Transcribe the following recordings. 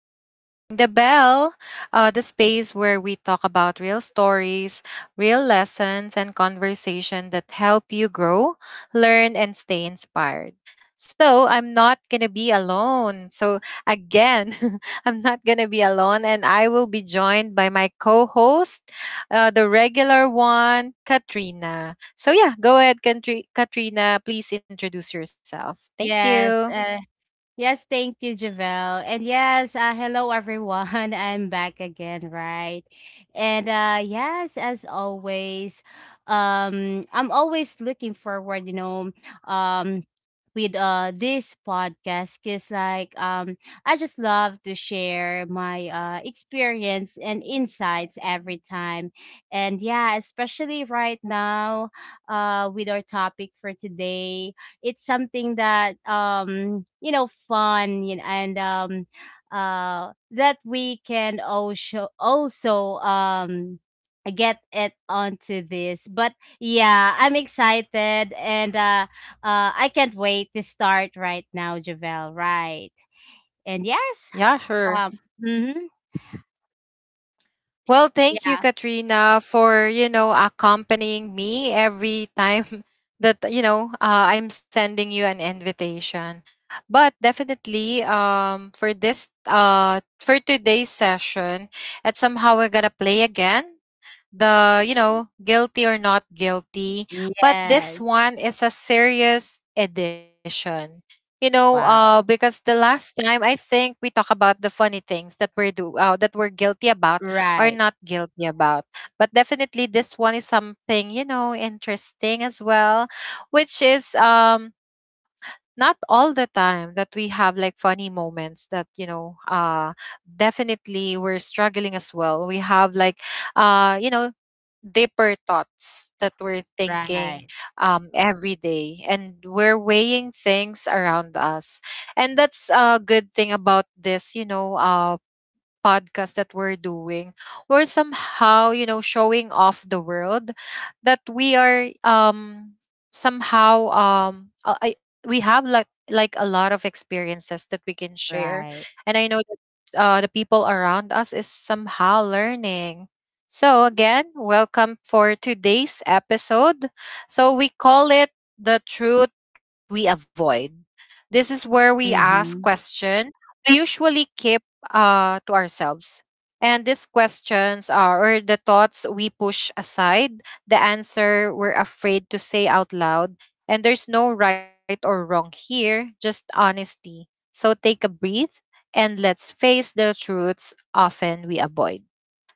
to Ring the Bell, the space where we talk about real stories, real lessons, and conversation that help you grow, learn, and stay inspired. So I'm not going to be alone. So again, I'm not going to be alone, and I will be joined by my co host, the regular one, Katrina. So yeah, go ahead, Katrina. Please introduce yourself. Thank you. Yes, yes, thank you, Javelle. And yes, hello everyone. I'm back again, right? And yes, as always, I'm always looking forward, um with this podcast because I just love to share my experience and insights every time. And yeah, especially right now with our topic for today, it's something that you know, fun, you know, and that we can also get it onto this. But yeah, I'm excited and I can't wait to start right now, Javel, right? And yes, Yeah, sure. Hmm. Well, thank you, Yeah. Katrina, for accompanying me every time that I'm sending you an invitation. But definitely, for this for today's session, at somehow we're gonna play again the guilty or not guilty, but Yes. this one is a serious edition, Wow. because the last time I think we talk about the funny things that we're do that we're guilty about or Right. not guilty about. But definitely this one is something, you know, interesting as well, which is not all the time that we have like funny moments, that definitely we're struggling as well. We have like, you know, deeper thoughts that we're Right. thinking every day, and we're weighing things around us. And that's a good thing about this podcast that we're doing. We're somehow, you know, showing off the world that we are somehow, we have like a lot of experiences that we can share. Right. And I know that the people around us is somehow learning. So again, welcome for today's episode. So we call it the truth we avoid. This is where we ask Mm-hmm, question we usually keep to ourselves. And these questions are, or the thoughts we push aside, the answer we're afraid to say out loud. And there's no right or wrong here, just honesty. So take a breath and let's face the truths often we avoid.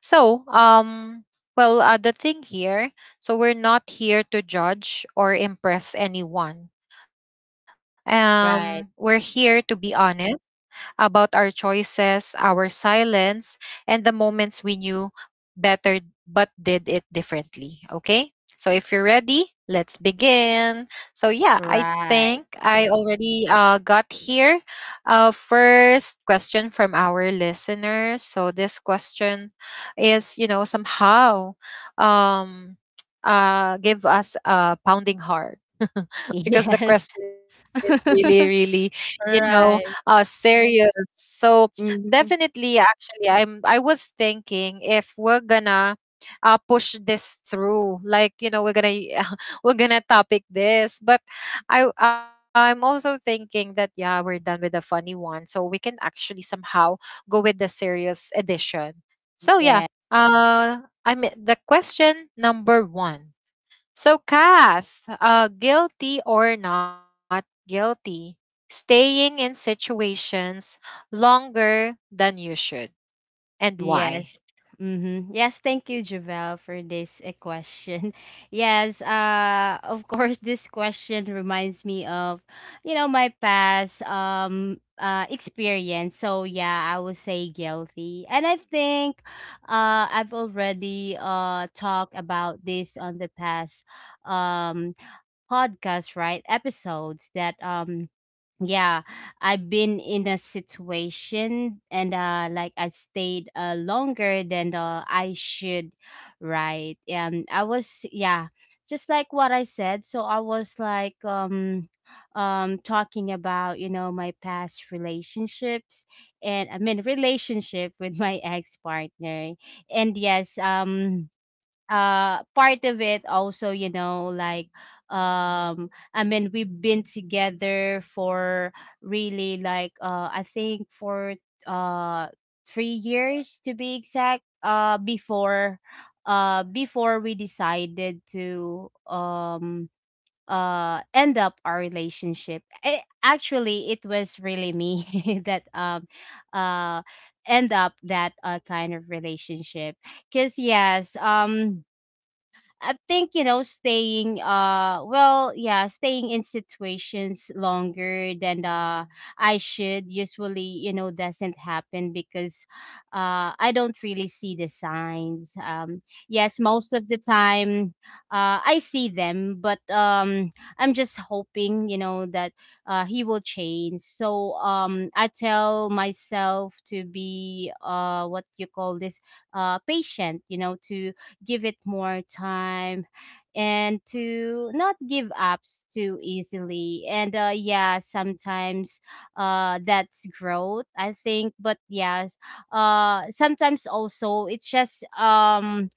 So, the thing here, so we're not here to judge or impress anyone. We're here right. to be honest about our choices, our silence, and the moments we knew better but did it differently. Okay? So if you're ready, let's begin. So yeah, I Right. think I already got here first question from our listeners. So this question is, you know, somehow um, give us a pounding heart Yes. because the question is really, really, you know, Right. Serious. So Mhm. definitely, actually, I was thinking if we're gonna push this through, like, you know, we're gonna we're gonna topic this. But I'm also thinking that yeah, we're done with the funny one, so we can actually somehow go with the serious edition. So yeah, Yeah. uh I mean the question number one. So, Kath, guilty or not guilty, staying in situations longer than you should, and why? Yes. Mm-hmm. Yes, thank you, Javel, for this question. Yes, of course, this question reminds me of, you know, my past experience. So yeah, I would say guilty, and I think, I've already talked about this on the past um podcast, right? Episodes that yeah, I've been in a situation and like I stayed longer than I should, right? And I was, yeah, just like what I said. So I was like talking about, you know, my past relationships, and I mean relationship with my ex partner. And yes, part of it also, you know, um I mean we've been together for really I think for uh 3 years to be exact, before we decided to end up our relationship. Actually, it was really me that uh end up that kind of relationship. Because yes, I think, you know, staying well, yeah, staying in situations longer than I should usually, you know, doesn't happen because I don't really see the signs. Yes, most of the time I see them, but I'm just hoping, you know, that he will change. So I tell myself to be what you call this, patient, you know, to give it more time and to not give up too easily. And yeah, sometimes that's growth, I think. But yes, sometimes also it's just um,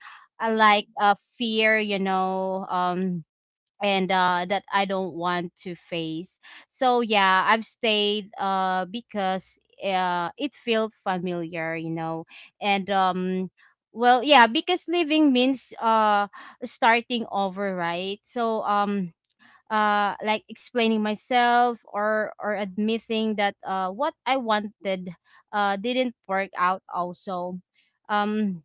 uh, like a fear, you know. And that I don't want to face. So yeah, I've stayed because it felt familiar, you know. And well, yeah, because living means starting over, right? So like explaining myself, or admitting that what I wanted didn't work out also. Um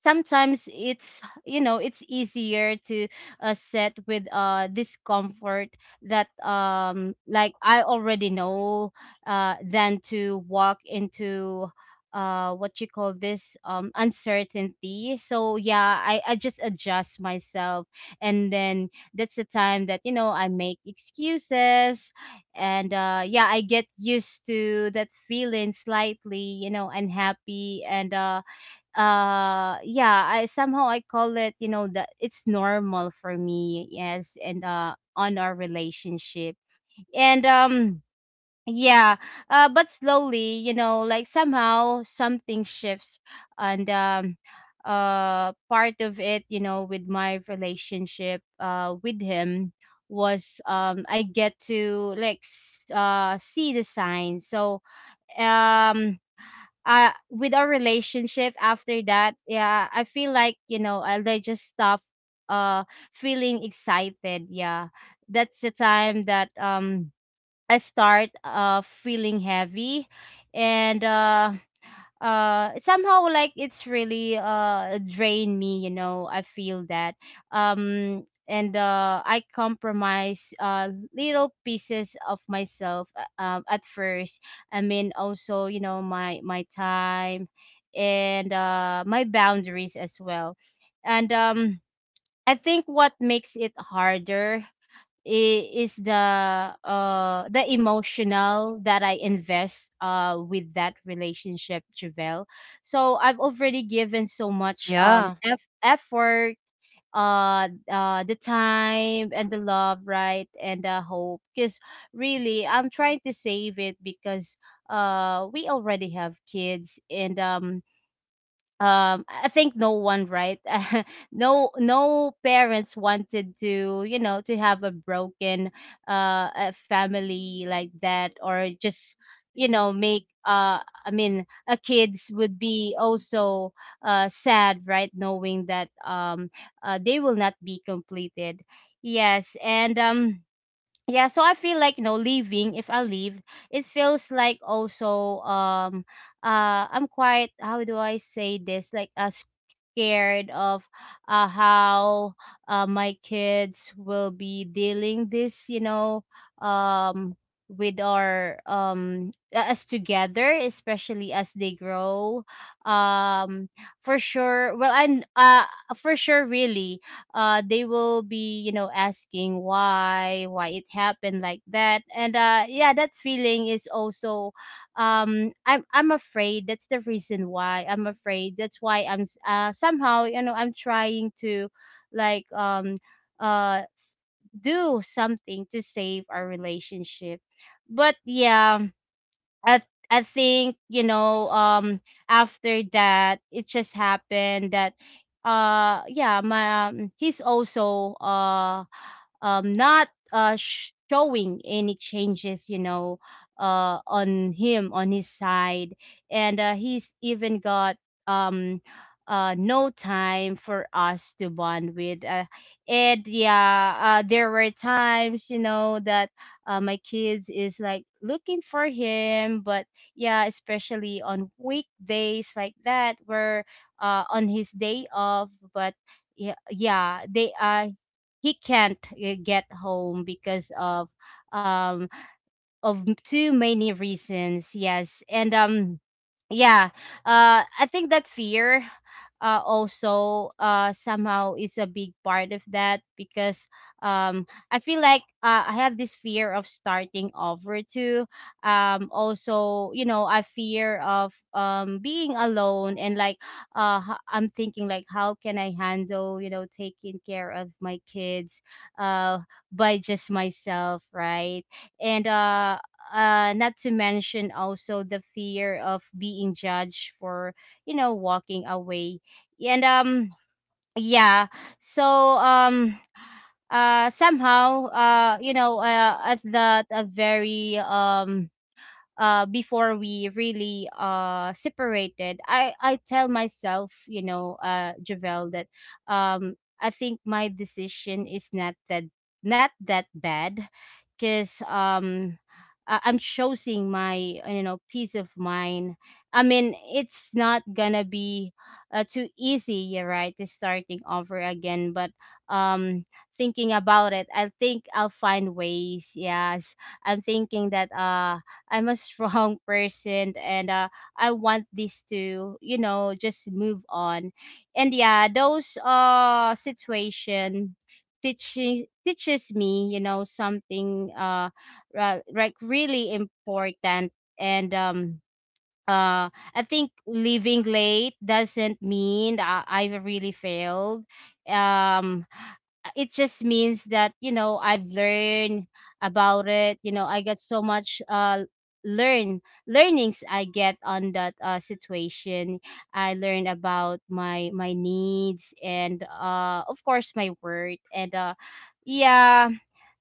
sometimes it's, you know, it's easier to set with discomfort that like I already know than to walk into what you call this, uncertainty. So yeah, I just adjust myself, and then that's the time that, you know, I make excuses. And yeah, I get used to that feeling, slightly, you know, unhappy. And yeah, I somehow, I call it, you know, that it's normal for me. Yes, and on our relationship, and yeah, but slowly, you know, like somehow something shifts. And part of it, you know, with my relationship with him was I get to like see the signs. So um with our relationship after that, yeah, I feel like, you know, I they just stop uh feeling excited. Yeah, that's the time that I start feeling heavy. And somehow, like, it's really drain me, you know, I feel that. And I compromise little pieces of myself, at first. I mean also, you know, my time and my boundaries as well. And I think what makes it harder is the emotional that I invest with that relationship, Javel. So I've already given so much Yeah. Effort, the time and the love, right, and the hope. Because really, I'm trying to save it because we already have kids. And I think no one, right? No, no parents wanted to, you know, to have a broken a family like that. Or just, you know, make I mean a kids would be also sad, right? Knowing that they will not be completed. Yes, and yeah, so I feel like, you know, leaving, if I leave, it feels like also I'm quite, how do I say this, like scared of how my kids will be dealing this, you know, um with our us together, especially as they grow, um for sure. Well, and for sure, really, they will be, you know, asking why it happened like that. And yeah, that feeling is also I'm afraid. That's the reason why I'm afraid, that's why I'm somehow, you know, I'm trying to like um uh do something to save our relationship. But yeah, I I think, you know, after that, it just happened that yeah, my he's also not showing any changes, you know, on him, on his side. And he's even got um no time for us to bond with, and yeah, there were times, you know, that my kids is like looking for him, but yeah, especially on weekdays like that where on his day off. But yeah, yeah they he can't get home because of um too many reasons. Yes, and yeah, I think that fear also somehow is a big part of that. Because um I feel like I have this fear of starting over too. Also, you know, I fear of being alone. And I'm thinking like, how can I handle, you know, taking care of my kids uh by just myself, right? And not to mention also the fear of being judged for, you know, walking away. And yeah, so somehow, you know, at that, a very before we really separated, I tell myself, you know, Javel, that um I think my decision is not that bad. Because I'm choosing my, you know, peace of mind. I mean, it's not gonna be too easy, you're right, to starting over again. But um thinking about it, I think I'll find ways. Yes, I'm thinking that I'm a strong person. And I want this to, you know, just move on. And yeah, those situation teaching teaches me, you know, something like really important. And I think leaving late doesn't mean I've really failed. um it just means that, you know, I've learned about it. You know, I got so much learnings I get on that, situation. I learned about my needs and, of course, my worth. And yeah,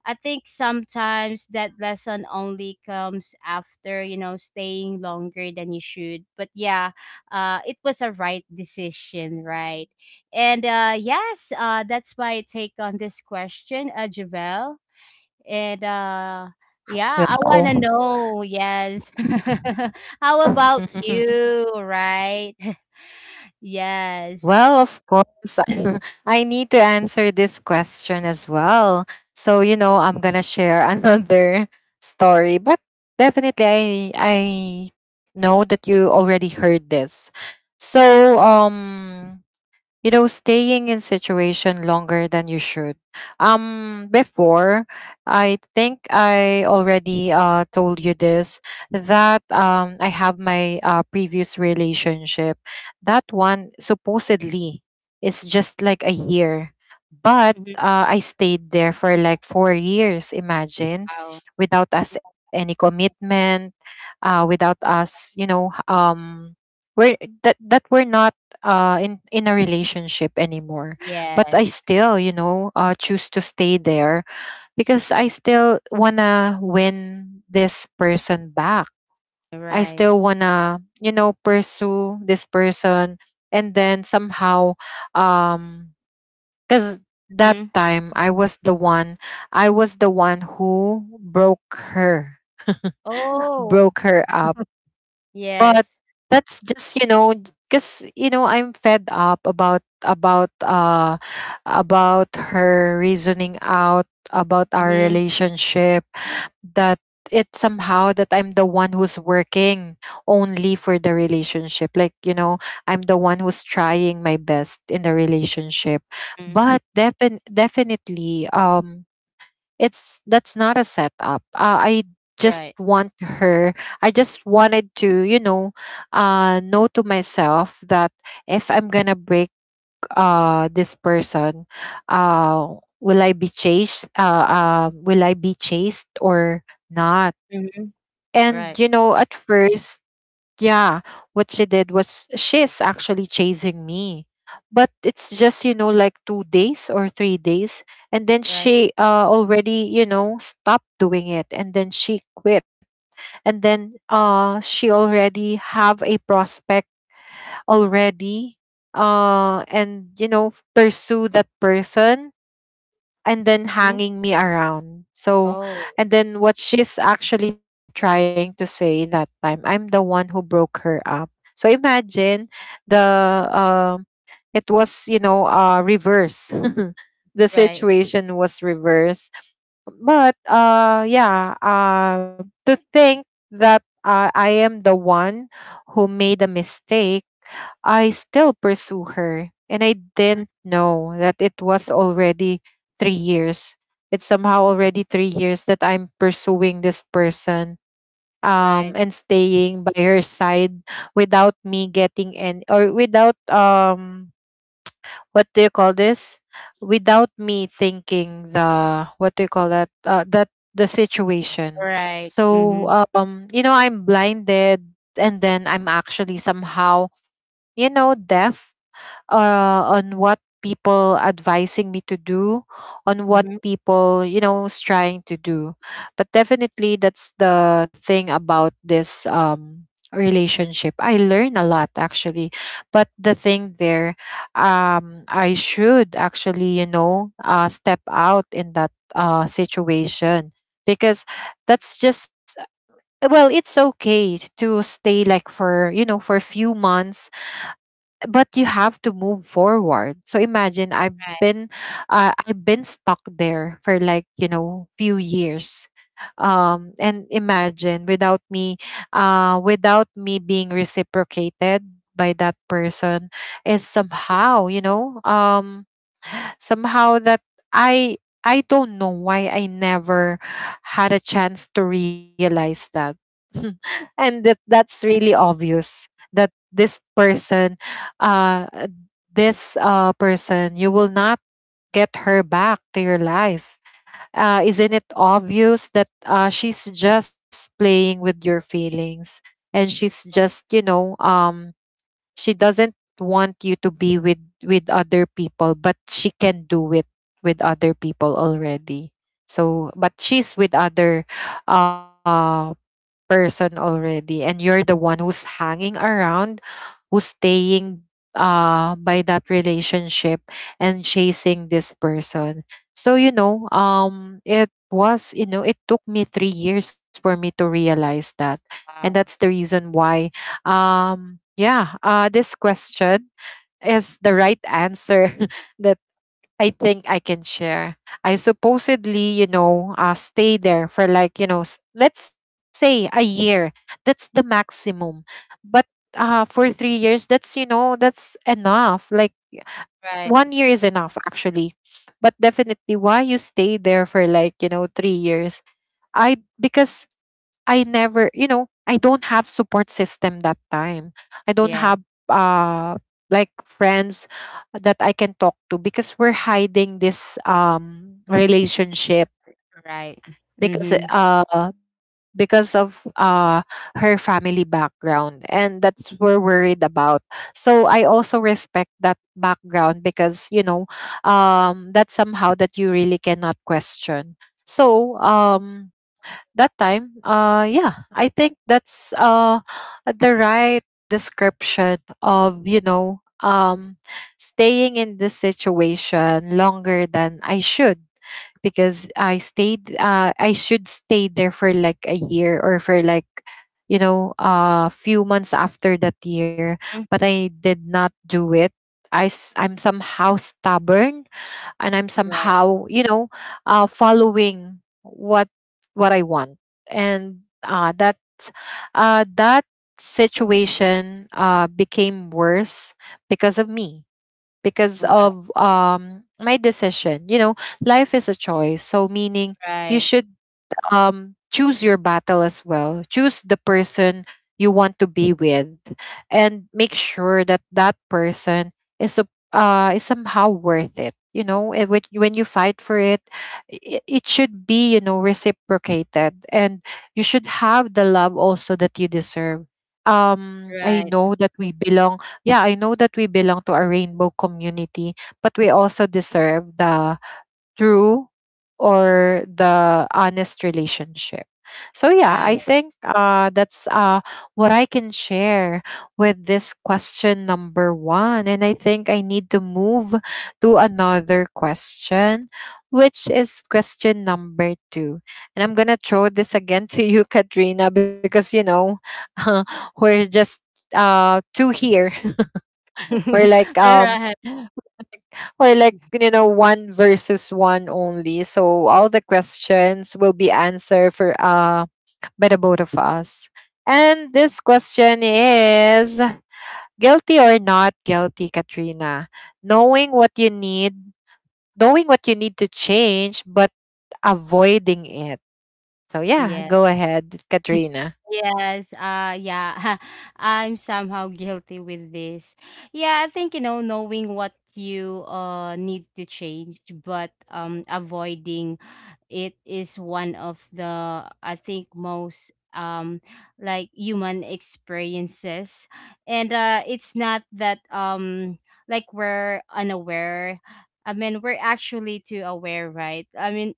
I think sometimes that lesson only comes after, you know, staying longer than you should. But yeah, it was a right decision, right? And yes, that's my take on this question, Javel. And yeah, I want to Well, know, yes. How about you, right? Yes. well, of course, I need to answer this question as well. So, you know, I'm gonna share another story, but definitely I know that you already heard this. So, you know, staying in situation longer than you should, before I think I already told you this, that I have my previous relationship, that one supposedly is just like a year, but Mhm. I stayed there for like 4 years, imagine, Wow. without us any commitment, without us you know h- we're that that we're not in a relationship anymore, but Yes, I still, you know, choose to stay there, because I still wanna win this person back, I right. still wanna, you know, pursue this person. And then somehow, um cuz that Mhm. time I was the one, I was the one who broke her, Oh, broke her out. But yes. that's just, you know, because you know, I'm fed up about her reasoning out about our Mhm, relationship, that it's somehow that I'm the one who's working only for the relationship, like, you know, I'm the one who's trying my best in the relationship. mm, But defin- definitely it's that's not a setup. I just right. want her. I just wanted to, you know to myself that if I'm gonna break this person, uh, will I be chased or not? Mhm, And you right, know, at first, yeah, what she did was she's actually chasing me. But it's just, you know, like 2 days or 3 days. And then right. she already, you know, stopped doing it. And then she quit. And then she already have a prospect already. And, you know, pursue that person and then Mhm. hanging me around. So, Oh, and then what she's actually trying to say that time, I'm the one who broke her up. So imagine the it was, you know, reverse. The right. situation was reverse. But to think that I am the one who made a mistake, I still pursue her. And I Mhm, didn't know that it was already 3 years. It's somehow already 3 years that I'm pursuing this person, right, and staying by her side, without me getting any, or without what do you call this? Without me thinking the what do you call that? The situation. right. So, Mhm, you know, I'm blinded, and then I'm actually somehow, you know, deaf on what people advising me to do, on what mhm, people you know is trying to do. But definitely that's the thing about this relationship, I learn a lot actually. But the thing there, I should actually, you know, step out in that situation, because that's just, well, it's okay to stay like for, you know, for a few months, but you have to move forward. So imagine I've right, been, I've been stuck there for like, you know, few years, and imagine without me, without me being reciprocated by that person, is somehow, you know, somehow that I I don't know why I never had a chance to realize that. And that that's really yes, obvious that this person, uh this person, you will not get her back to your life. Uh, isn't it obvious that she's just playing with your feelings, and she's just, you know, she doesn't want you to be with other people, but she can do it with other people already. So, but she's with other uh person already, and you're the one who's hanging around, who's staying by that relationship and chasing this person. So you know, it was, you know, it took me 3 years for me to realize that. And wow, that's the reason why, yeah this question is the right answer that I think I can share. I supposedly, you know, stay there for like, you know, let's say a year. That's the maximum. But for 3 years, that's, you know, that's enough. Like right, 1 year is enough, actually. But definitely, why you stay there for like, you know, 3 years? I because I never, you know, I don't have support system that time. I don't have yes, uh like friends that I can talk to, because we're hiding this relationship, right. because Mhm, because of her family background, and that's we're worried about. So I also respect that background, because, you know, that's somehow that you really cannot question. So that time, yeah, I think that's the right description of, you know, staying in this situation longer than I should, because I should stay there for like a year, or for like, you know, a few months after that year, mm, but I did not do it. I'm somehow stubborn, and I'm right, somehow, you know, following what I want. And that situation became worse because of me, because right, of, my decision, you know, life is a choice, so meaning you right, should, choose your battle as well. Choose the person you want to be with, and make sure that that person is is somehow worth it. You know, eh, when you fight for it, it should be, you know, reciprocated, and you should have the love also that you deserve. I right, know that we belong. Yeah, I know that we belong to a rainbow community, but we also deserve the true or the honest relationship. So yeah, right. I think that's what I can share with this question number one. And I think I need to move to another question, which is question number two. And I'm gonna throw this again to you, Katrina, because you know we're just two here or like um Right. or like you know one versus one only, so all the questions will be answered for by the both of us. And this question is guilty or not guilty, Katrina? Knowing what you need, to change but avoiding it. So yeah, Yes. go ahead, Katrina. Yes, yeah. I'm somehow guilty with this. Yeah, I think, you know, knowing what you need to change but avoiding it is one of the, I think, most like human experiences. And it's not that like we're unaware. I mean, we're actually too aware, right? I mean,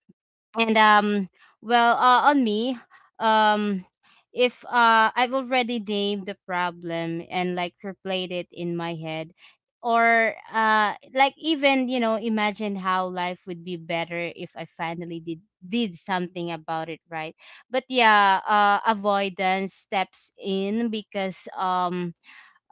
and well, on me, um if I've already named the problem and like replayed it in my head, or like even, you know, imagine how life would be better if I finally did something about it, right? But yeah, avoidance steps in because um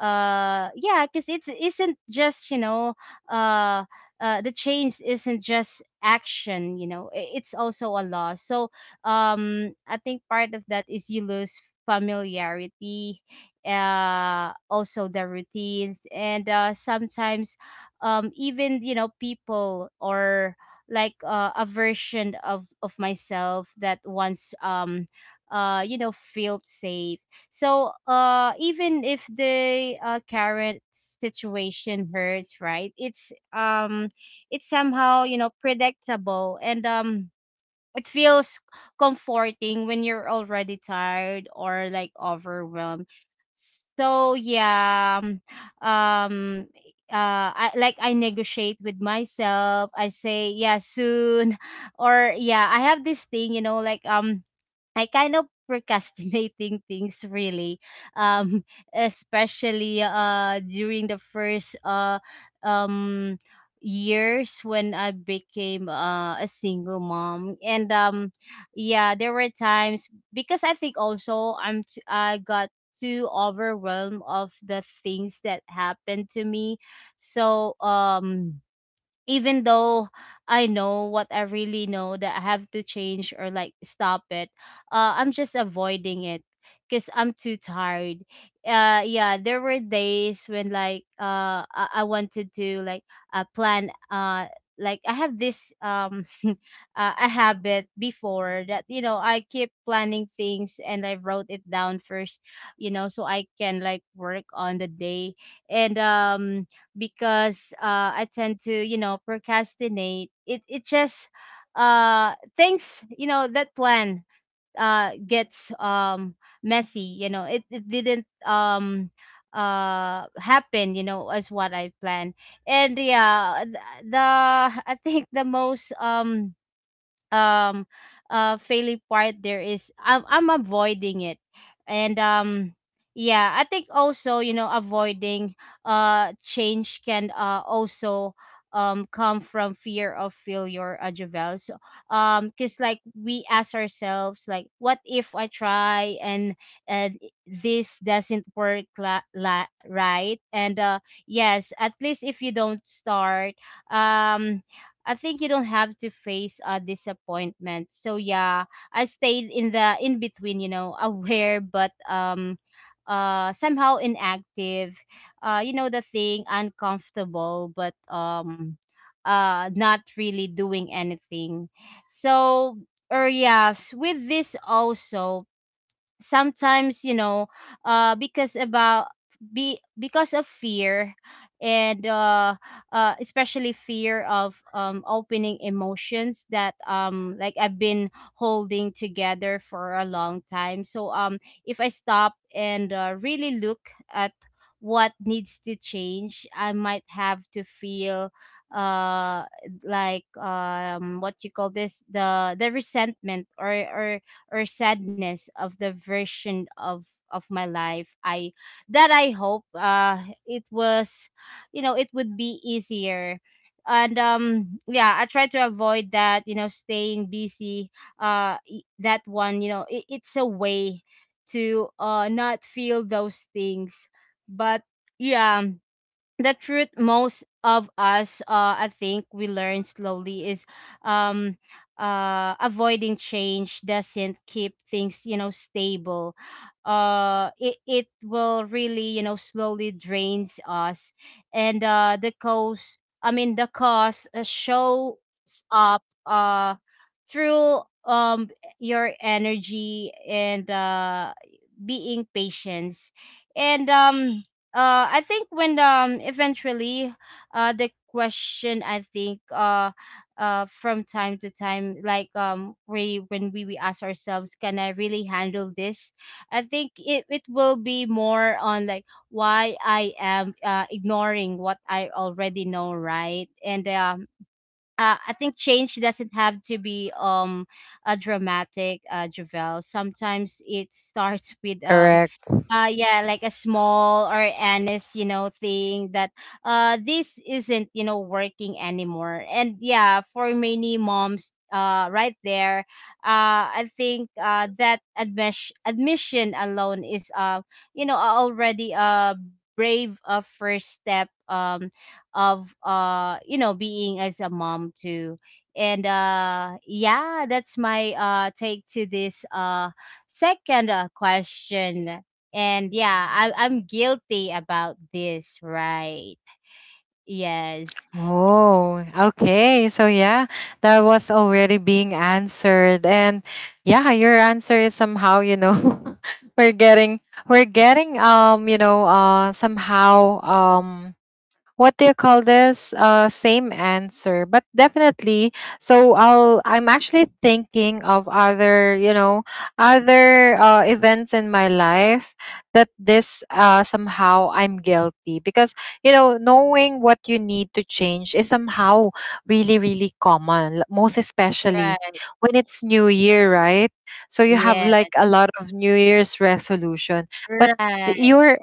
uh yeah, because it's isn't just, you know, uh the change isn't just action, you know, it's also a loss. So I think part of that is you lose familiarity, also the routines, and sometimes even, you know, people, or like a version of myself that once you know, felt safe. So, even if the current situation hurts, right? It's somehow, you know, predictable, and it feels comforting when you're already tired or like overwhelmed. So yeah, um, I like, I negotiate with myself. I say, yeah, soon, or yeah, I have this thing, you know, like I kind of procrastinating things really. um Especially during the first um years when I became, a single mom. And yeah, there were times because I think also, I got too overwhelmed of the things that happened to me. So even though I know what I really know that I have to change or like stop it, I'm just avoiding it because I'm too tired. Yeah, there were days when like I wanted to like plan. Like I have this a habit before that, you know, I keep planning things, and I wrote it down first, you know, so I can like work on the day. And because, I tend to, you know, procrastinate. It just, things, you know, that plan gets, messy, you know. It didn't, happen, you know, as what I planned. And yeah, the, I think, the most um failing part there is I'm avoiding it. And yeah, I think also, you know, avoiding change can also come from fear of failure, Javel. So because, like, we ask ourselves, like, what if I try, and this doesn't work, right? And yes, at least if you don't start, um I think, you don't have to face a disappointment. So yeah, I stayed in the in between, you know, aware but somehow inactive. You know, the thing uncomfortable but not really doing anything. So or yes, with this also sometimes, you know, because about, be because of fear, and especially fear of opening emotions that, like, I've been holding together for a long time. So if I stop and, really look at what needs to change, I might have to feel uh like, what you call this, the resentment or sadness of the version of my life I that I hope it was, you know, it would be easier. And yeah, I try to avoid that, you know, staying busy. That one, you know, it's a way to not feel those things. But yeah, the truth most of us, I think, we learn slowly is, um avoiding change doesn't keep things, you know, stable. It will really, you know, slowly drains us. And the cost, I mean, the cost, shows up through your energy and being patience. And I think when, eventually, the question, I think, from time to time, like, we, when we ask ourselves, can I really handle this? I think it will be more on like, why I am ignoring what I already know, right? And I think change doesn't have to be, a dramatic, Javel. Sometimes it starts with Correct. Yeah, like a small or honest, you know, thing that, this isn't, you know, working anymore. And yeah, for many moms, right there, I think, that admission alone is, you know, already a brave, first step of, you know, being as a mom too. And yeah, that's my take to this second, question. And yeah, I'm guilty about this, right? Yes. Oh, okay. So yeah, that was already being answered. And yeah, your answer is somehow, you know, we're getting we're getting you know, somehow what do you call this, same answer, but definitely. So I'm actually thinking of other, you know, other events in my life that this somehow I'm guilty, because you know knowing what you need to change is somehow really, really common, most especially Right. when it's New Year, right? So you have Yeah. like a lot of New Year's resolution, but th- Right. your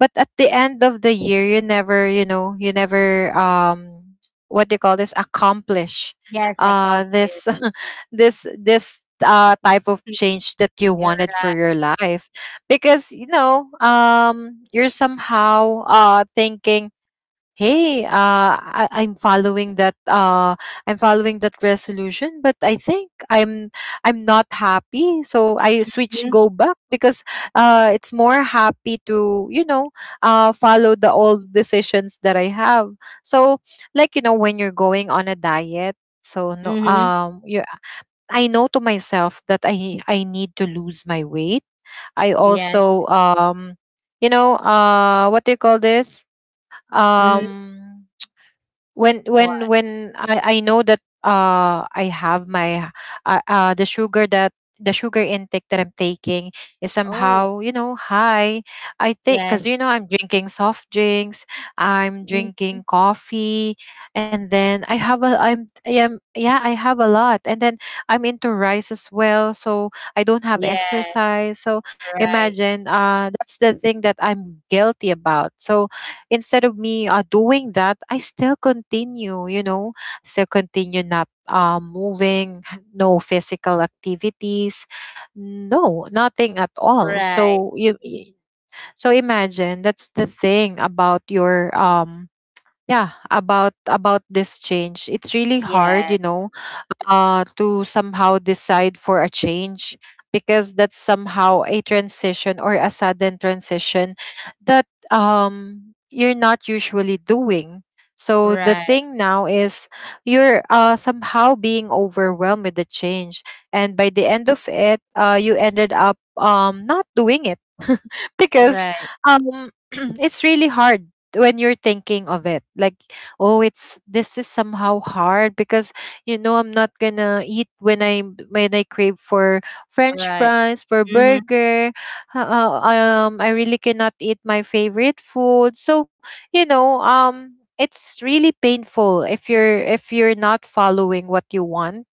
but at the end of the year you never, you know, you never what do you call this, accomplish Yes. This Accomplished. this type of change that you wanted Right. for your life, because you know you're somehow thinking, hey, I'm following that I'm following that resolution, but I think I'm not happy, so I switch, Mm-hmm. go back, because it's more happy to, you know, follow the old decisions that I have. So, like, you know, when you're going on a diet, so no, Mm-hmm. You, I know to myself that I need to lose my weight. I Yes. also you know, what do you call this, Mm-hmm. um when What? when when I, I know that I have my uh, uh the sugar that the sugar intake that I'm taking is Oh. somehow, you know, high. I think Yes. because you know I'm drinking soft drinks, I'm Mm-hmm. drinking coffee, and then I have a, I am, yeah, I have a lot, and then I'm into rice as well, so I don't have Yes. exercise. So Right. imagine, that's the thing that I'm guilty about. So instead of me doing that, I still continue, you know, still continue not moving, no physical activities, no, nothing at all. Right. So you, so imagine, that's the thing about your yeah, about this change. It's really hard, Yes. you know, to somehow decide for a change, because that's somehow a transition, or a sudden transition that you're not usually doing. So the Right. thing now is, you're somehow being overwhelmed with the change, and by the end of it, you ended up not doing it, because Right, um, it's really hard when you're thinking of it. Like, oh, it's this is somehow hard, because you know, I'm not gonna eat when I, when I crave for French right. fries, for Mm Mhm. burger. I really cannot eat my favorite food. So you know, it's really painful if you're, if you're not following what you want,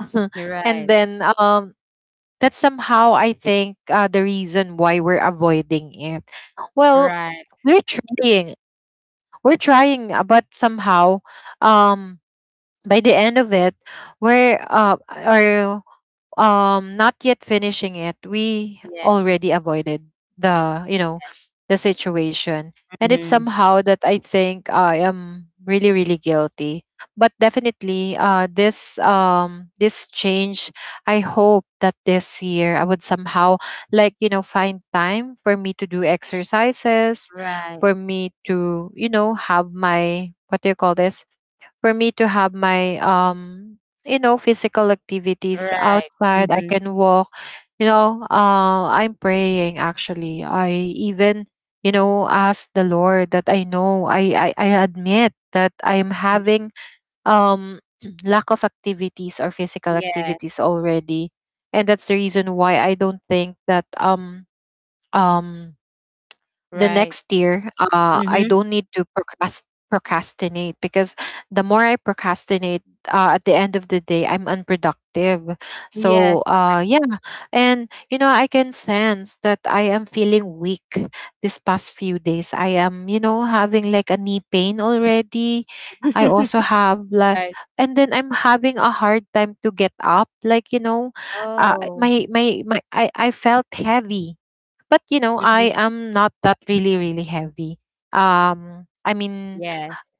You're and right. then that's somehow, I think, the reason why we're avoiding it. Well, Right. we're trying, we're trying, but somehow, um, by the end of it, we're are not yet finishing it. We Yeah. already avoided the, you know, the situation, Mm and it's Mhm. somehow that, I think, I am really, really guilty. But definitely, this this change, I hope that this year I would somehow, like, you know, find time for me to do exercises, Right. for me to, you know, have my, what do you call this, for me to have my you know physical activities Right. Mm outside. I mhm. can walk, you know. I'm praying actually, I even, you know, ask the Lord that I know, I admit that I'm having um lack of activities or physical Yeah. activities already, and that's the reason why I don't think that um the Right. next year, Mm I Mhm. don't need to procrastinate, because the more I procrastinate, at the end of the day I'm unproductive. Yes. So yeah. And you know I can sense that I am feeling weak. This past few days I am, you know, having like a knee pain already. I also have like, Right. and then I'm having a hard time to get up, like, you know, uh, Oh. my my my I, I felt heavy, but you know Mm Mhm. I am not that really, really heavy. I mean, Yes.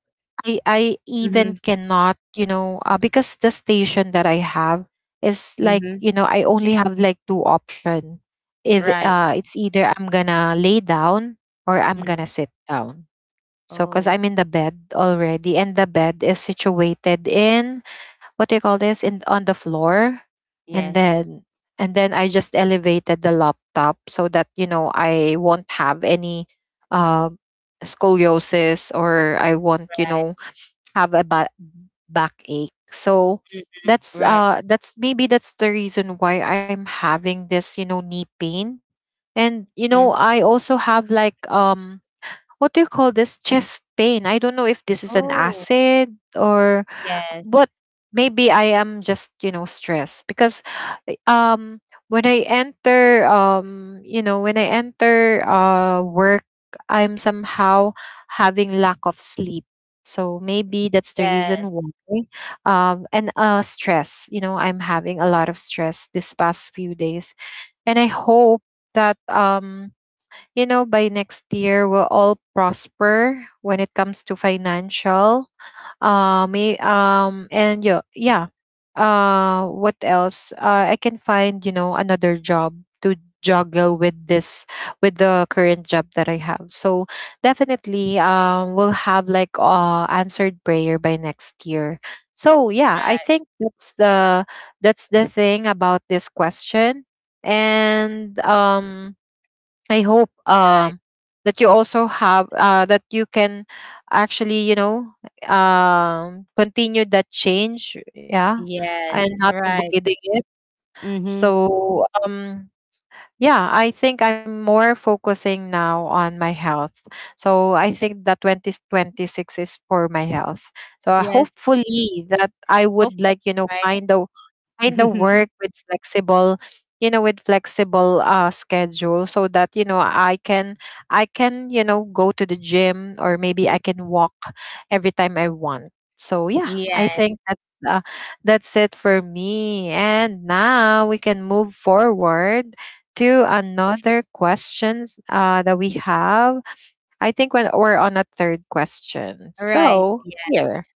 I Mm even Mhm. cannot, you know, because the station that I have is, Mm like, Mhm. you know, I only have like two option. If Right. It's either I'm gonna lay down or I'm Mhm. gonna sit down. So, because Oh. I'm in the bed already, and the bed is situated in, what do you call this, in on the floor, and Yes. then, I just elevated the laptop, so that you know I won't have any uh, scoliosis, or I won't, you Right. know, have a backache. So Mm. Right. That's maybe that's the reason why I'm having this, you know, knee pain. And you know Mm. I also have like what do you call this, chest pain. I don't know if this is an Oh. acid or, Yes. but maybe I am just, you know, stressed, because um when I enter you know, when I enter work, I'm somehow having lack of sleep, so maybe that's the Yes. reason why. And stress, you know, I'm having a lot of stress this past few days, and I hope that you know, by next year, we'll all prosper when it comes to financial. And yeah, yeah. What else? I can find, you know, another job to juggle with this, with the current job that I have. So definitely, we'll have like answered prayer by next year. So yeah, I Right. think that's the, that's the thing about this question. And I hope Right. That you also have that you can actually, you know, continue that change, yeah, Yes. and not Right. avoiding it. Mm Mhm. So yeah, I think I'm more focusing now on my health. So I think that 2026 is for my health. So Yes. hopefully that I would, Hopefully. like, you know, Right. find a kind of Mhm. work with flexible, you know, with flexible schedule, so that you know I can, I can, you know, go to the gym, or maybe I can walk every time I want. So yeah, I Yes. think that's it for me, and now we can move forward to another questions, that we have. I think when we're on a third question, Right. so Yeah. here,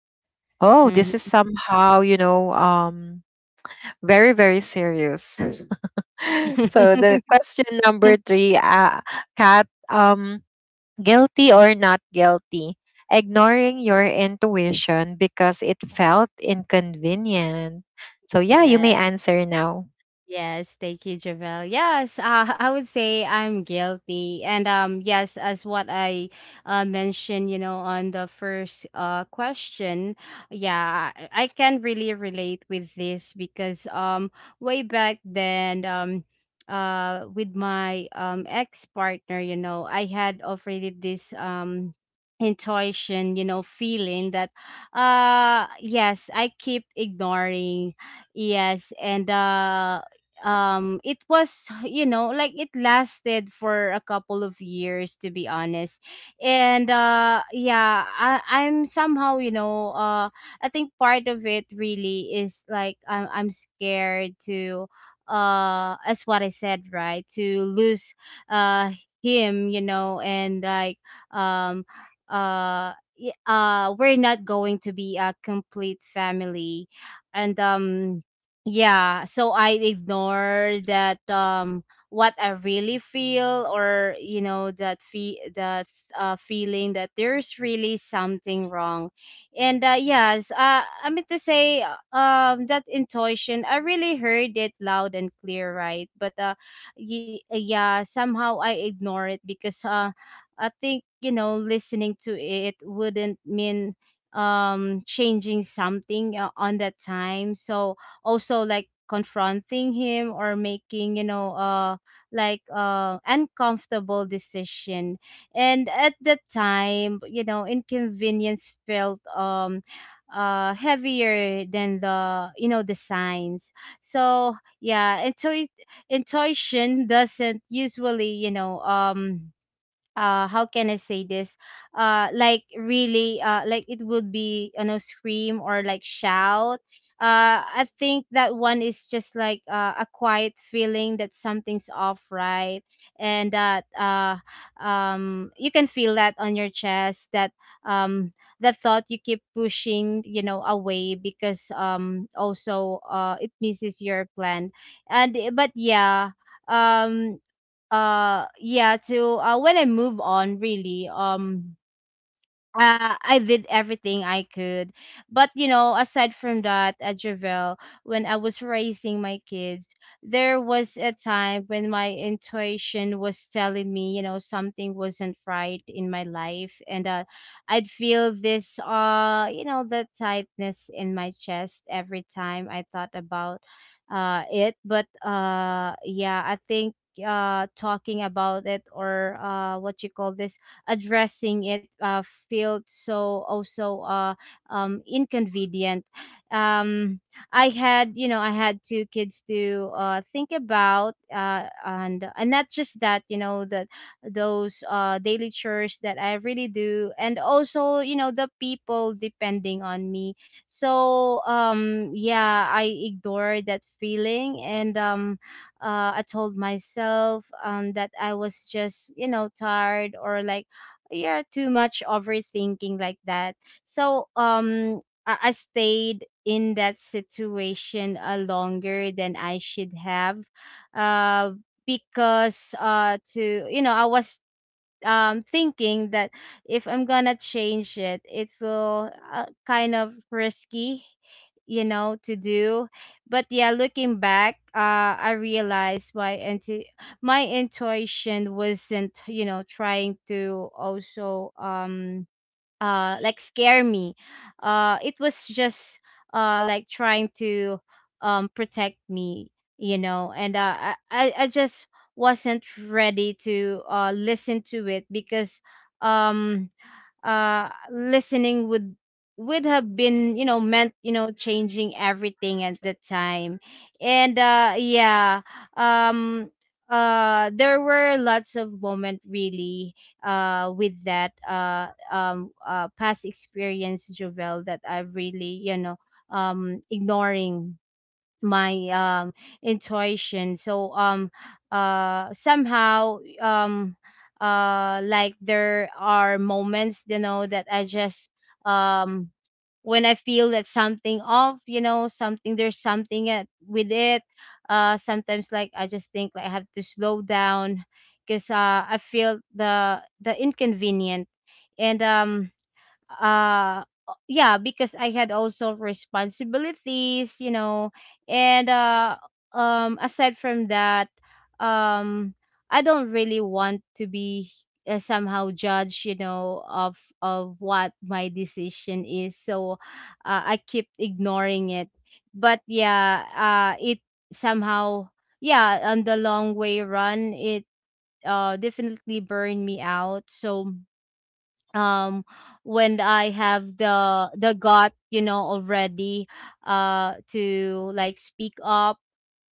oh, Mhm. this is somehow, you know, very, very serious. So the question number three, Kat, guilty or not guilty? Ignoring your intuition because it felt inconvenient. So yeah, you Yeah. may answer now. Yes, thank you, Javel. Yes, I would say I'm guilty, and yes, as what I mentioned, you know, on the first question, yeah, I can really relate with this because, way back then, with my ex partner, you know, I had already this intuition, you know, feeling that, yes, I keep ignoring. Yes, and it was, you know, like, it lasted for a couple of years, to be honest. And yeah, I'm somehow, you know, I think part of it really is, like, I'm scared to, as what I said, right, to lose uh him, you know. And like, um we're not going to be a complete family. And yeah, so I ignore that, what I really feel, or you know, that fe that feeling that there's really something wrong. And yes, I mean to say, that intuition, I really heard it loud and clear, right? But y yeah, somehow I ignore it because I think, you know, listening to it wouldn't mean changing something, on that time. So also, like confronting him or making, you know, like uncomfortable decision. And at the time, you know, inconvenience felt heavier than the you know, the signs. So yeah, intuition doesn't usually, you know, how can I say this? Like, really, like, it would be, you know, scream or like shout. I think that one is just like, a quiet feeling that something's off, right? And that, you can feel that on your chest that, um that thought you keep pushing, you know, away because, also it misses your plan. And eh, but yeah. um yeah, to when I move on, really, I did everything I could. But you know, aside from that, at Javel, when I was raising my kids, there was a time when my intuition was telling me, you know, something wasn't right in my life, and, I'd feel this, you know, the tightness in my chest every time I thought about it. But yeah, I think talking about it or what you call this, addressing it, felt so also, inconvenient. Um, I had, you know, I had two kids to think about, and not just that, you know, that those, daily chores that I really do, and also, you know, the people depending on me. So, yeah, I ignored that feeling, and I told myself, that I was just, you know, tired or like, yeah, too much overthinking like that. So I stayed in that situation, longer than I should have. uh because, to you know, I was, thinking that, if I'm gonna change it will, kind of risky, you know, to do. But yeah, looking back, I realized my my intuition wasn't, you know, trying to also like, scare me. It was just like, trying to, protect me, you know. And, I just wasn't ready to listen to it because um listening would have been, you know, meant, you know, changing everything at the time. And yeah. um there were lots of moment really, with that past experience, jovel, that I've really, you know, ignoring my, intuition. So somehow, like, there are moments, you know, that I just, um when I feel that something off, you know, something, there's something with it. Sometimes, like, I just think, like, I have to slow down because I feel the inconvenient. And yeah, because I had also responsibilities, you know. And aside from that, um I don't really want to be, somehow judged, you know, of what my decision is. So, I keep ignoring it. But yeah, it, somehow, yeah, on the long way run, it definitely burned me out. So um when I have the gut, you know, already, to like speak up,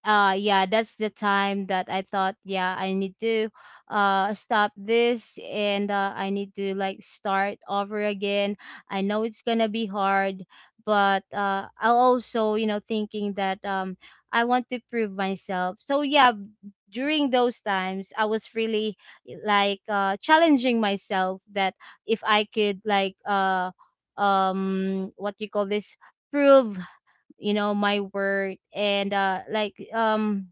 yeah, that's the time that I thought, yeah, I need to stop this, and, I need to like start over again. I know it's gonna be hard, but I also, you know, thinking that, I want to prove myself. So yeah, during those times, I was really, like, challenging myself that, if I could like, what you call this, prove, you know, my work, and like,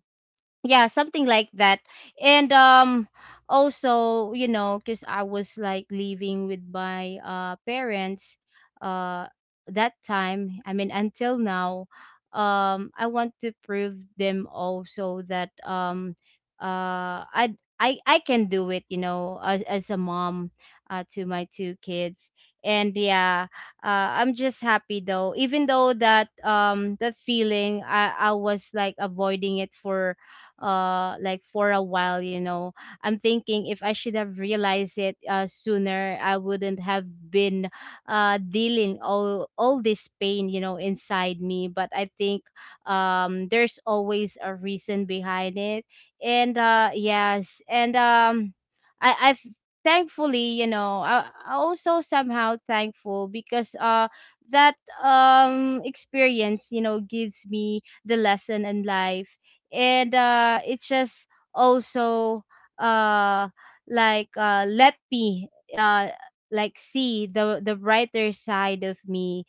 yeah, something like that. And also, you know, because I was like living with my parents, uh that time I mean until now. I want to prove them also that, um uh i I can do it, you know, as a mom, to my two kids. And yeah, I'm just happy though. Even though that that feeling, I was like avoiding it for like for a while, I'm thinking if I should have realized it sooner, I wouldn't have been dealing all this pain, you know, inside me. But I think there's always a reason behind it. And uh yes and um i i've thankfully, you know, I also somehow thankful because that experience, you know, gives me the lesson in life. And it's just also, uh let me uh like see the brighter side of me.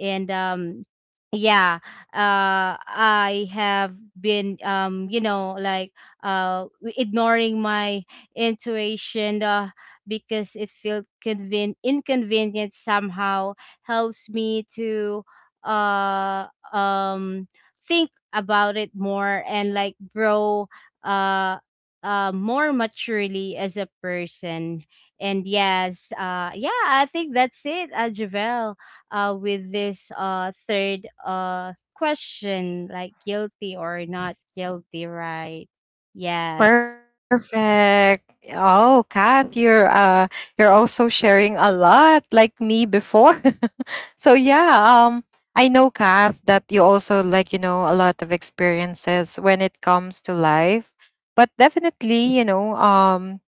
And yeah, I have been, you know, like uh ignoring my intuition, because it felt inconvenient somehow. Helps me to uh um think about it more and like grow uh more maturely as a person. And yeah, I think that's it, Javel, with this third question, like guilty or not guilty, right? Yes. Perfect. Oh, Kat, you're also sharing a lot like me before. So yeah, I know, Kath, that you also, like, you know, a lot of experiences when it comes to life, but definitely you know um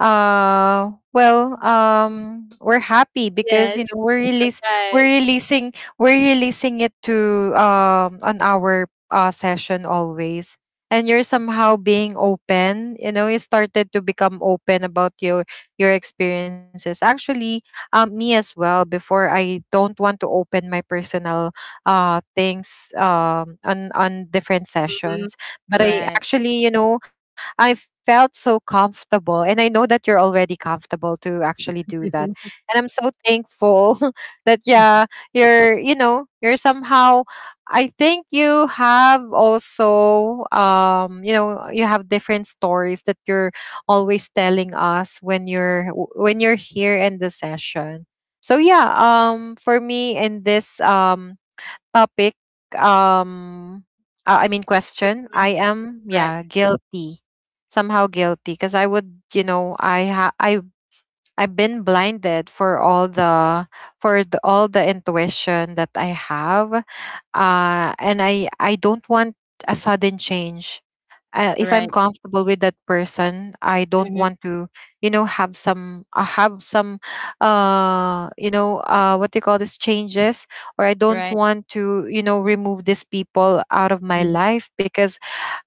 uh well we're happy because you Yes, know we're right. releasing we're releasing it to on our session always, and you're somehow being open, you know, you started to become open about your experiences actually. Me as well before, I don't want to open my personal things on different Mm-hmm, sessions, but I right. actually, you know, I felt so comfortable. And I know that you're already comfortable to actually do that. Mhm. And I'm so thankful that, yeah, you're, you know, you're somehow, I think you have also, you know, you have different stories that you're always telling us when you're, when you're here in the session. So yeah, for me in this, topic um I mean question, I Mhm, am, right. yeah, guilty, somehow guilty, because I would, you know, I ha- I I've been blinded for all the, for the, all the intuition that I have. And I don't want a sudden change. If I'm Right, comfortable with that person, I don't hmm. want to, you know, have some, you know, what do you call this, changes, or I don't Right, want to, you know, remove these people out of my hmm. life, because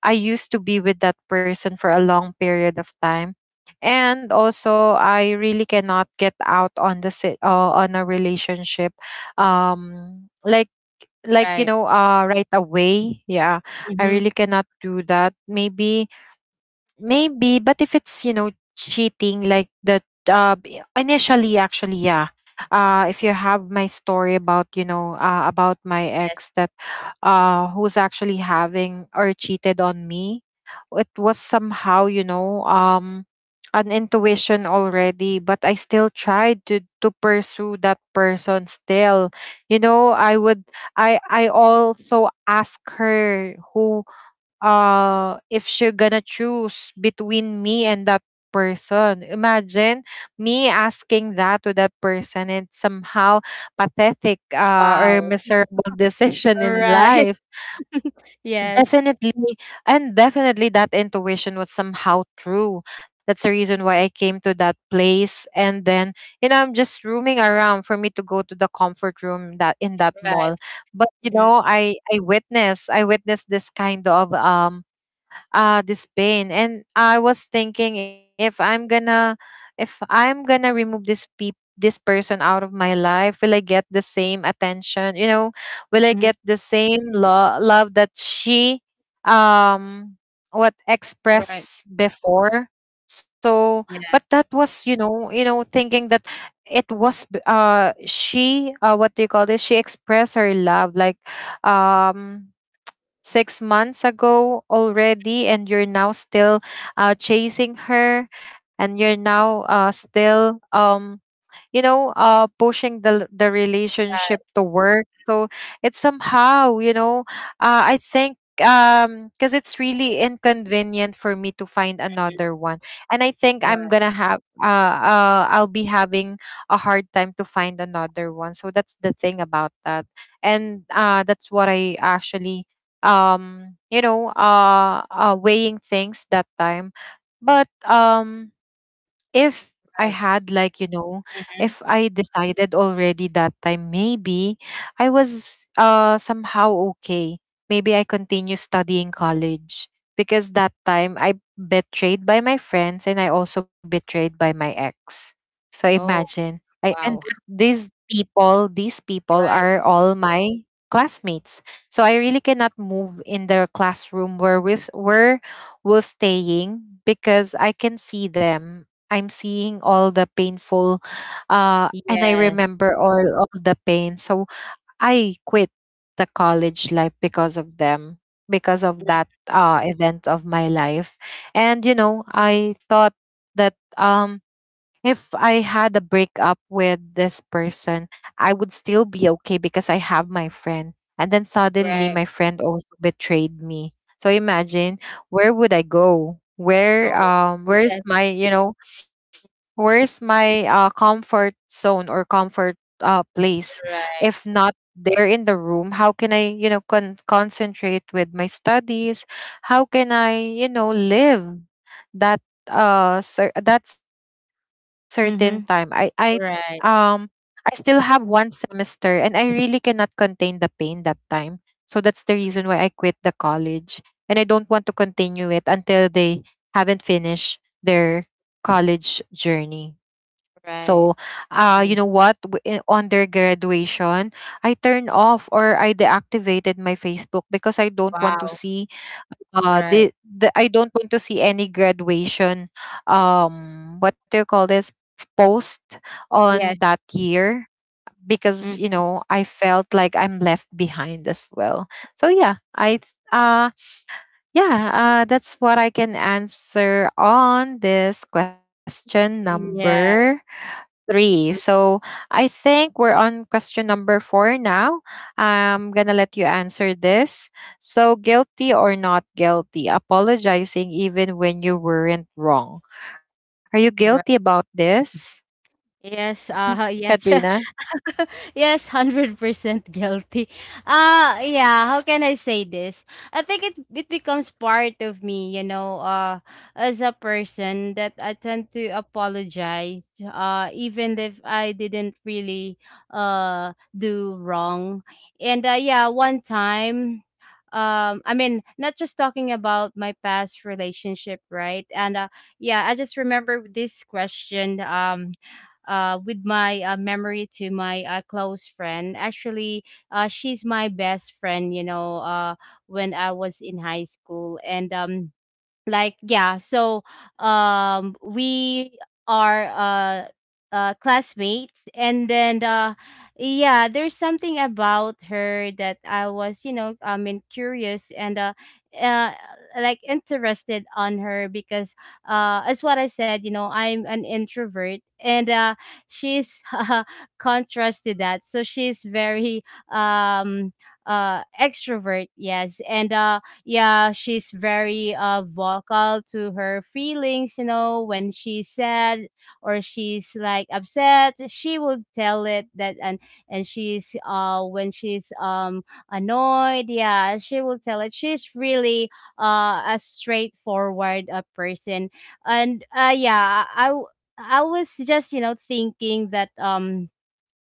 I used to be with that person for a long period of time, and also I really cannot get out on the sit, on a relationship, um, like like, you Right, know, right away. Yeah, I hmm. really cannot do that. Maybe, maybe, but if it's, you know, cheating, like the initially actually, yeah. If you have my story about, you know, about my Yes. ex that who's actually having or cheated on me, it was somehow, you know, an intuition already, but I still tried to pursue that person still. You know, I would I also ask her who if she's gonna choose between me and that person. Imagine me asking that to that person, and somehow pathetic, or Wow. miserable decision All in right. life. yes. Definitely. And definitely that intuition was somehow true. That's the reason why I came to that place. And then, you know, I'm just roaming around for me to go to the comfort room that in that mall. Right. But you Mhm, know, I witnessed this kind of this pain. And I was thinking, if I'm gonna, if I'm gonna remove this person out of my life, will I get the same attention, will I mhm. get the same love that she um what Right. expressed before. So, but Yeah. that was, you know, thinking that it was she, what do you call this, she expressed her love like um 6 months ago already, and you're now still, chasing her. And you're now, still, pushing the relationship to work. So it's somehow, you know, I think, because it's really inconvenient for me to find Mhm. another one. And I think I'm Right, gonna have I'll be having a hard time to find another one. So that's the thing about that. And that's what I actually, weighing things that time. But if I right. had, like, you know, if Mhm. I decided already that time, maybe I was, somehow, okay. Maybe I continue studying college, because that time I betrayed by my friends and I also betrayed by my ex. So Oh, imagine, wow. These people Right. are all my classmates. So I really cannot move in the classroom where, with where was staying, because I can see them. I'm seeing all the painful, and I Yes. remember all the pain. So I quit the college life because of them, because Mm, of that, event of my life. And you know, I thought that, if I had a breakup with this person, I would still be okay because I have my friend. And then suddenly right. my friend also betrayed me. So imagine, where would I go? Where, Oh, yes, where's my, you know, where's my, comfort zone or comfort, place? right. If not there in the room, how can I, you know, concentrate with my studies? How can I, you know, live that that certain time? I Mhm. um I Right, still have one semester, and I really cannot contain the pain that time. So that's the reason why I quit the college, and I don't want to continue it until they haven't finished their college journey. So, right. You know Mm. what? On their graduation, I turned off, or I deactivated my Facebook, because I don't want to Wow. see Right. the I don't want to see any graduation, what do you call this, post on Yes. that year, because Mm. you know, I felt like I'm left behind as well. So yeah, yeah, that's what I can answer on this question number Yes. three. Mm. So I think we're on question number four now. I'm gonna let you answer this. So, guilty or not guilty? Apologizing even when you weren't wrong. Are you Right. guilty about this, Yes, yes. Katrina? Yes, 100% guilty. Yeah, how can I say this? I think it becomes part of me, you know, as a person that I tend to apologize even if I didn't really do wrong. And yeah, one time, I mean not just talking about my past relationship, right? And yeah, I just remember this question. With my memory to my close friend. Actually, she's my best friend, you know, when I was in high school. And yeah, so we are, classmates. And then yeah, there's something about her that I was, you know, I mean curious, and uh like interested on her because, as what I said, you know, I'm an introvert, and she's contrast to that, so she's very um extrovert, yes. And yeah, she's very vocal to her feelings. You know, when she's sad or she's like upset, she will tell it that. And she's, when she's annoyed, yeah, she will tell it. She's really a straightforward person. And yeah, I was just, you know, thinking that, um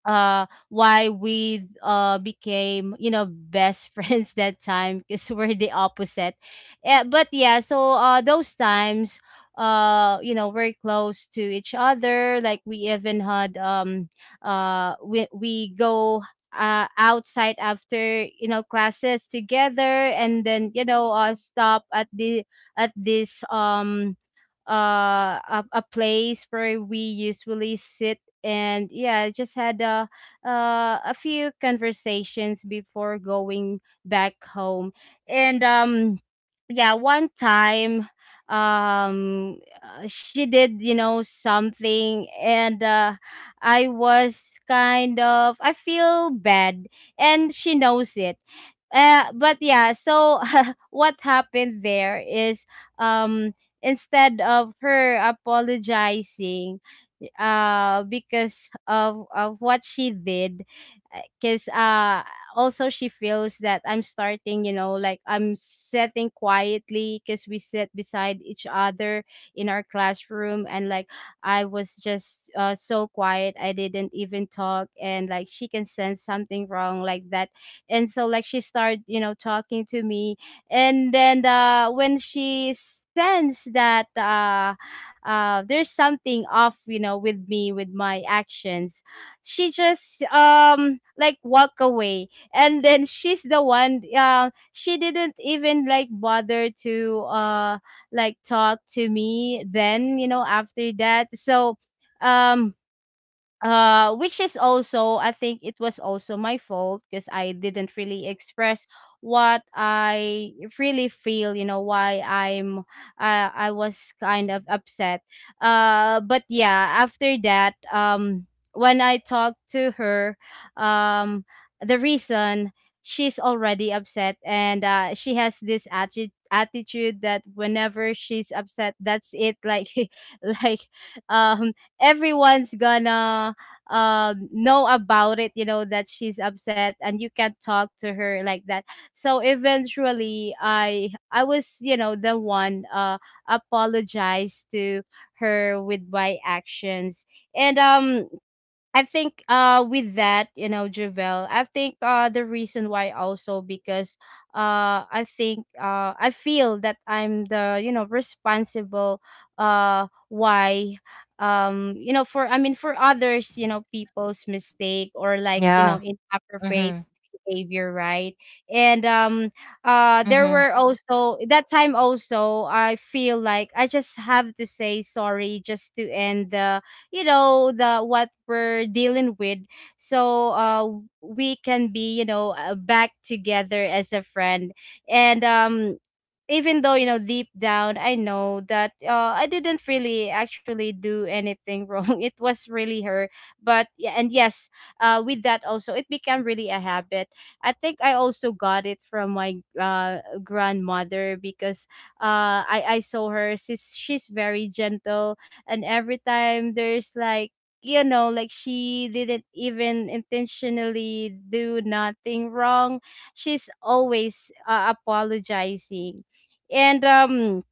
uh why we became, you know, best friends that time, because we're the opposite. Yeah, but yeah, so those times, you know, we're close to each other. Like we even had, we go outside after, you know, classes together, and then, you know, stop at the, at this, a place where we usually sit. And yeah, I just had, a few conversations before going back home. And yeah, one time, she did, you know, something, and I was kind of, I feel bad, and she knows it. But yeah, so what happened there is, um instead of her apologizing because of what she did. Because also she feels that I'm starting, you know, like I'm sitting quietly, because we sit beside each other in our classroom, and like I was just so quiet, I didn't even talk, and like she can sense something wrong like that. And so like she started, you know, talking to me. And then when she sensed that, there's something off, you know, with me, with my actions, she just like walk away, and then she's the one. She didn't even like bother to like talk to me then. You know, after that, so, um which is also, I think it was also my fault, because I didn't really express what I really feel. You know, why I'm, I was kind of upset. But yeah, after that, when I talked to her, um the reason, she's already upset, and she has this attitude that whenever she's upset, that's it, like like, um everyone's gonna, know about it, you know, that she's upset, and you can't talk to her like that. So eventually, I was, you know, the one apologized to her with my actions. And I think with that, you know, Javel, I think the reason why, also because I think I feel that I'm the, you know, responsible why, you know, for, I mean, for others, you know, people's mistake, or like, you Yeah. know, inappropriate Mm-hmm. behavior, right? And there Mm-hmm. were also that time, also I feel like I just have to say sorry just to end the, you know, the what we're dealing with. So we can be, you know, back together as a friend. And even though, you know, deep down, I know that, I didn't really actually do anything wrong. It was really her. But yeah, and yes, with that also, it became really a habit. I think I also got it from my grandmother, because I saw her, she's very gentle, and every time there's like, you know, like she didn't even intentionally do nothing wrong, she's always apologizing. and um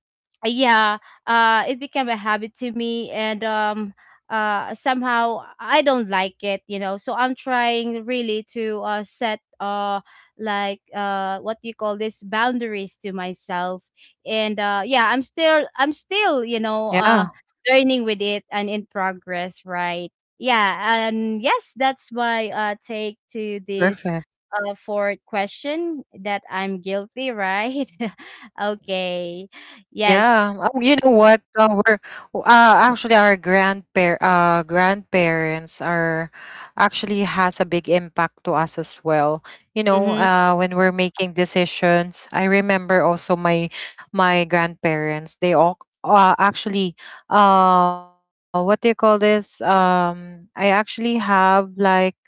uh, yeah, it became a habit to me. And somehow I don't like it, you know. So I'm trying really to set what do you call this, boundaries to myself. And yeah, I'm still, I'm still you know, Yeah. learning with it and in progress, right? Yeah. And yes, that's Perfect. my take to this fourth question, that I'm guilty, right? Okay. Yeah. Yes. Oh, you know what? We're actually our grandparents are actually has a big impact to us as well. You Mhm. know, when we're making decisions, I remember also my grandparents. They all, actually, what do you call this? I actually have like,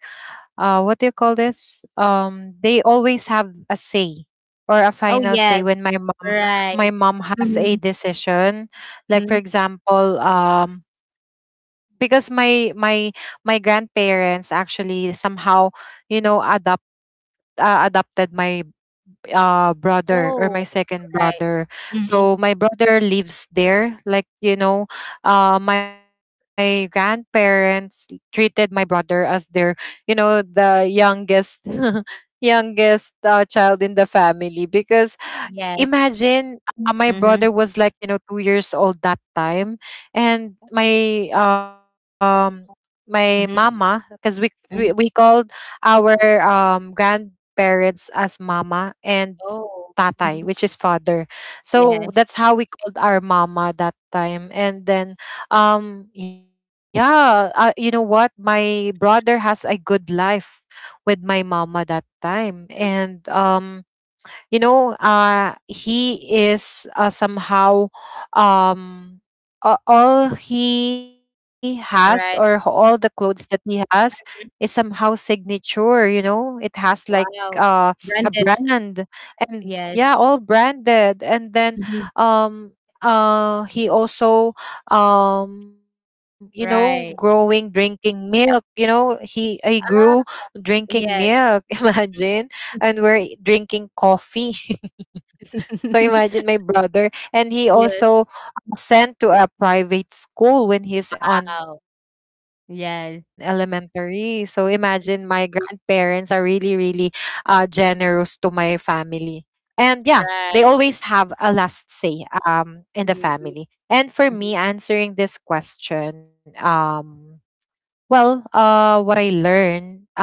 what do you call this, they always have a say or a Oh, final yes, say when my mom, right. my mom has a Mhm, decision, like for mhm. example, because my grandparents actually somehow, you know, adopted my, brother, or my Oh, second right. brother. Mhm. So my brother lives there. Like, you know, my grandparents treated my brother as their, you know, the youngest youngest, child in the family. Because Yes. imagine, my Mhm, brother was like, you know, 2 years old that time. And my mama, mhm, because we, we mhm. called our grandparents as mama and Oh, tatay, mhm. which is father. So Yes, that's how we called our mama that time. And then, yeah, you know what? My brother has a good life with my mama that time, and you know, he is, somehow, um all he has, or all the right. clothes that he has is somehow signature, you know. It has like, uh Wow. a Branded. brand. And yeah, Yes. all branded. And then, Mhm. um he also, you know, growing Right. drinking milk, you know, he grew Ah, drinking milk. yes. Imagine. And we're drinking coffee. So imagine my brother. And he Yes. also sent to a private school when he's on Wow. elementary. So Yes. imagine my grandparents are really, really, generous to my family. And yeah, they always have a Right. last say, in the family. Mhm, And for me, answering mhm, this question, well, what I learned,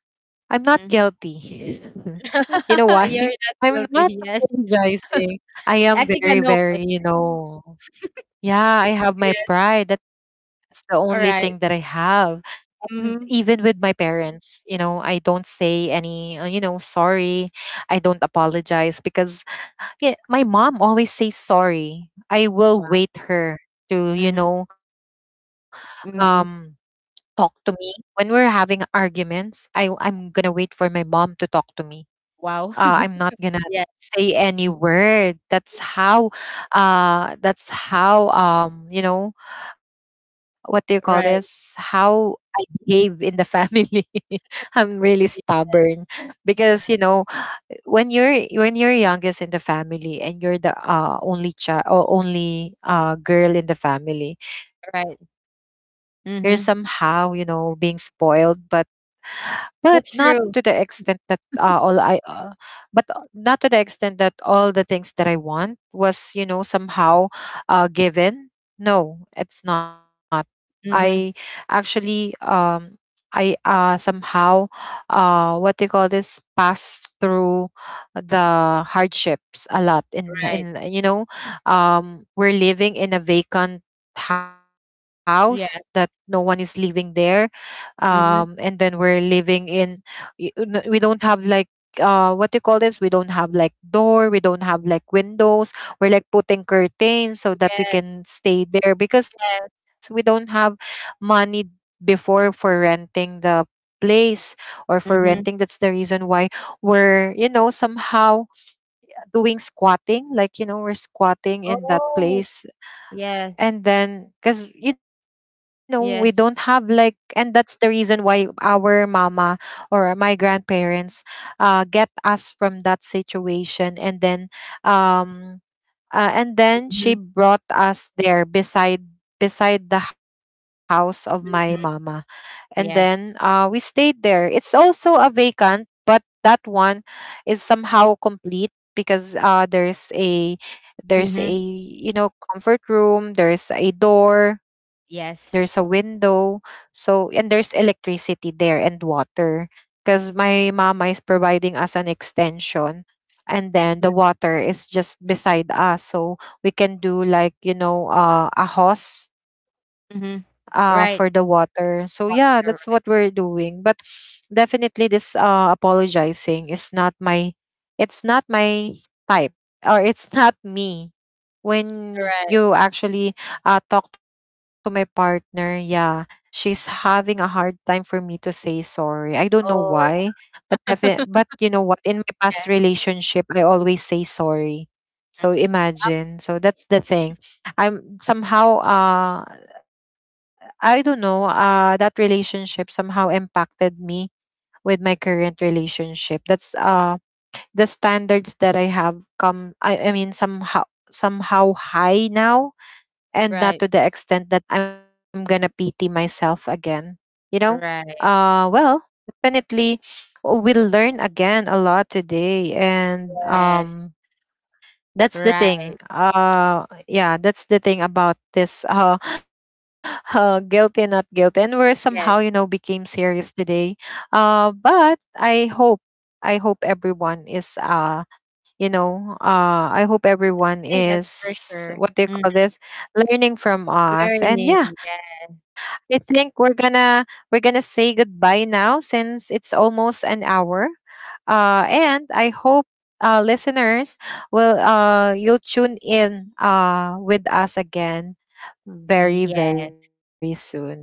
I'm not mhm. guilty. You know why? You're not I'm not guilty. Yes. apologizing. I am I think very, I know. very, you know, yeah, I have my Yes. pride. That's the only thing that I All right. have. And even with Mhm. my parents, you know, I don't say any, you know, sorry. I don't apologize because yeah, my mom always says sorry. I will Wow. wait her to, you Mhm, know, um, mhm. talk to me when we're having arguments. I'm gonna wait for my mom to talk to me. Wow. I'm not gonna Yeah, say any word. That's how. That's how. You know, what do you call this? right. How I behave in the family. I'm really Right. stubborn, because you know, when you're, when you're youngest in the family, and you're the, only child, or only, girl in the family, you're Right. somehow, you know, being Mhm. spoiled. But not to the extent That's that, true. But, not to the extent that all the things that I want was, you know, somehow, given. No, it's not. I Mhm. actually, I, somehow, what do you call this? Pass through the hardships a lot. In Right. in you know, we're living in a vacant house that no Yeah. one is living there, and Mhm. then we're living in we don't have like, what do you call this, we don't have like door, we don't have like windows. We're like putting curtains so that Yes, we can stay there, because we yes. don't have money before for renting the place, or for renting. Mhm. That's the reason why we're, you know, somehow doing squatting, like, you know, we're squatting in that Oh, place. yes, And then because you know, we don't have yes. like, and that's the reason why our mama, or my grandparents, get us from that situation. And then, um and then Mhm, she brought us there beside, beside the house of my mama. mm. And then, Yes. we stayed there. It's also a vacant, but that one is somehow complete, because, there's a, Mhm. you know, comfort room, there's a door, there's a Yes. window. So, and there's electricity there and water, because my mama is providing us an extension, and then the Mm, water is just beside us, so we can do like, you know, a hose, mhm. for the Right. water. So yeah, that's what we're Water, doing. But definitely this, apologizing is not my, it's not my type, or it's not me. When right. you actually, talk to my partner, yeah, she's having a hard time for me to say sorry. I don't know why, Oh, but but you know what, in my past okay. relationship, I always say sorry. Mhm. So imagine. So that's the thing. I'm somehow, I don't know, that relationship somehow impacted me with my current relationship. That's, the standards that I have come, I mean somehow, somehow high now, and not Right, to the extent that I'm gonna pity myself again. You know? Right. Well, definitely we learn again a lot today. And Yes. That's the Right. thing. Yeah, that's the thing about this, guilty, not guilty. And we're somehow, you know, Yes. became serious today. But I hope everyone is, I hope everyone I think that's for is, sure. what do you Mhm. call this, learning from us. And yeah, Learning. Yes. I think we're gonna say goodbye now, since it's almost an hour. And I hope, listeners will, you'll tune in, with us again very, very Yes. soon. All right.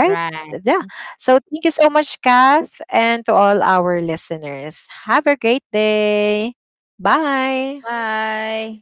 Yeah. So thank you so much, Kath, and to all our listeners. Have a great day. Bye. Bye.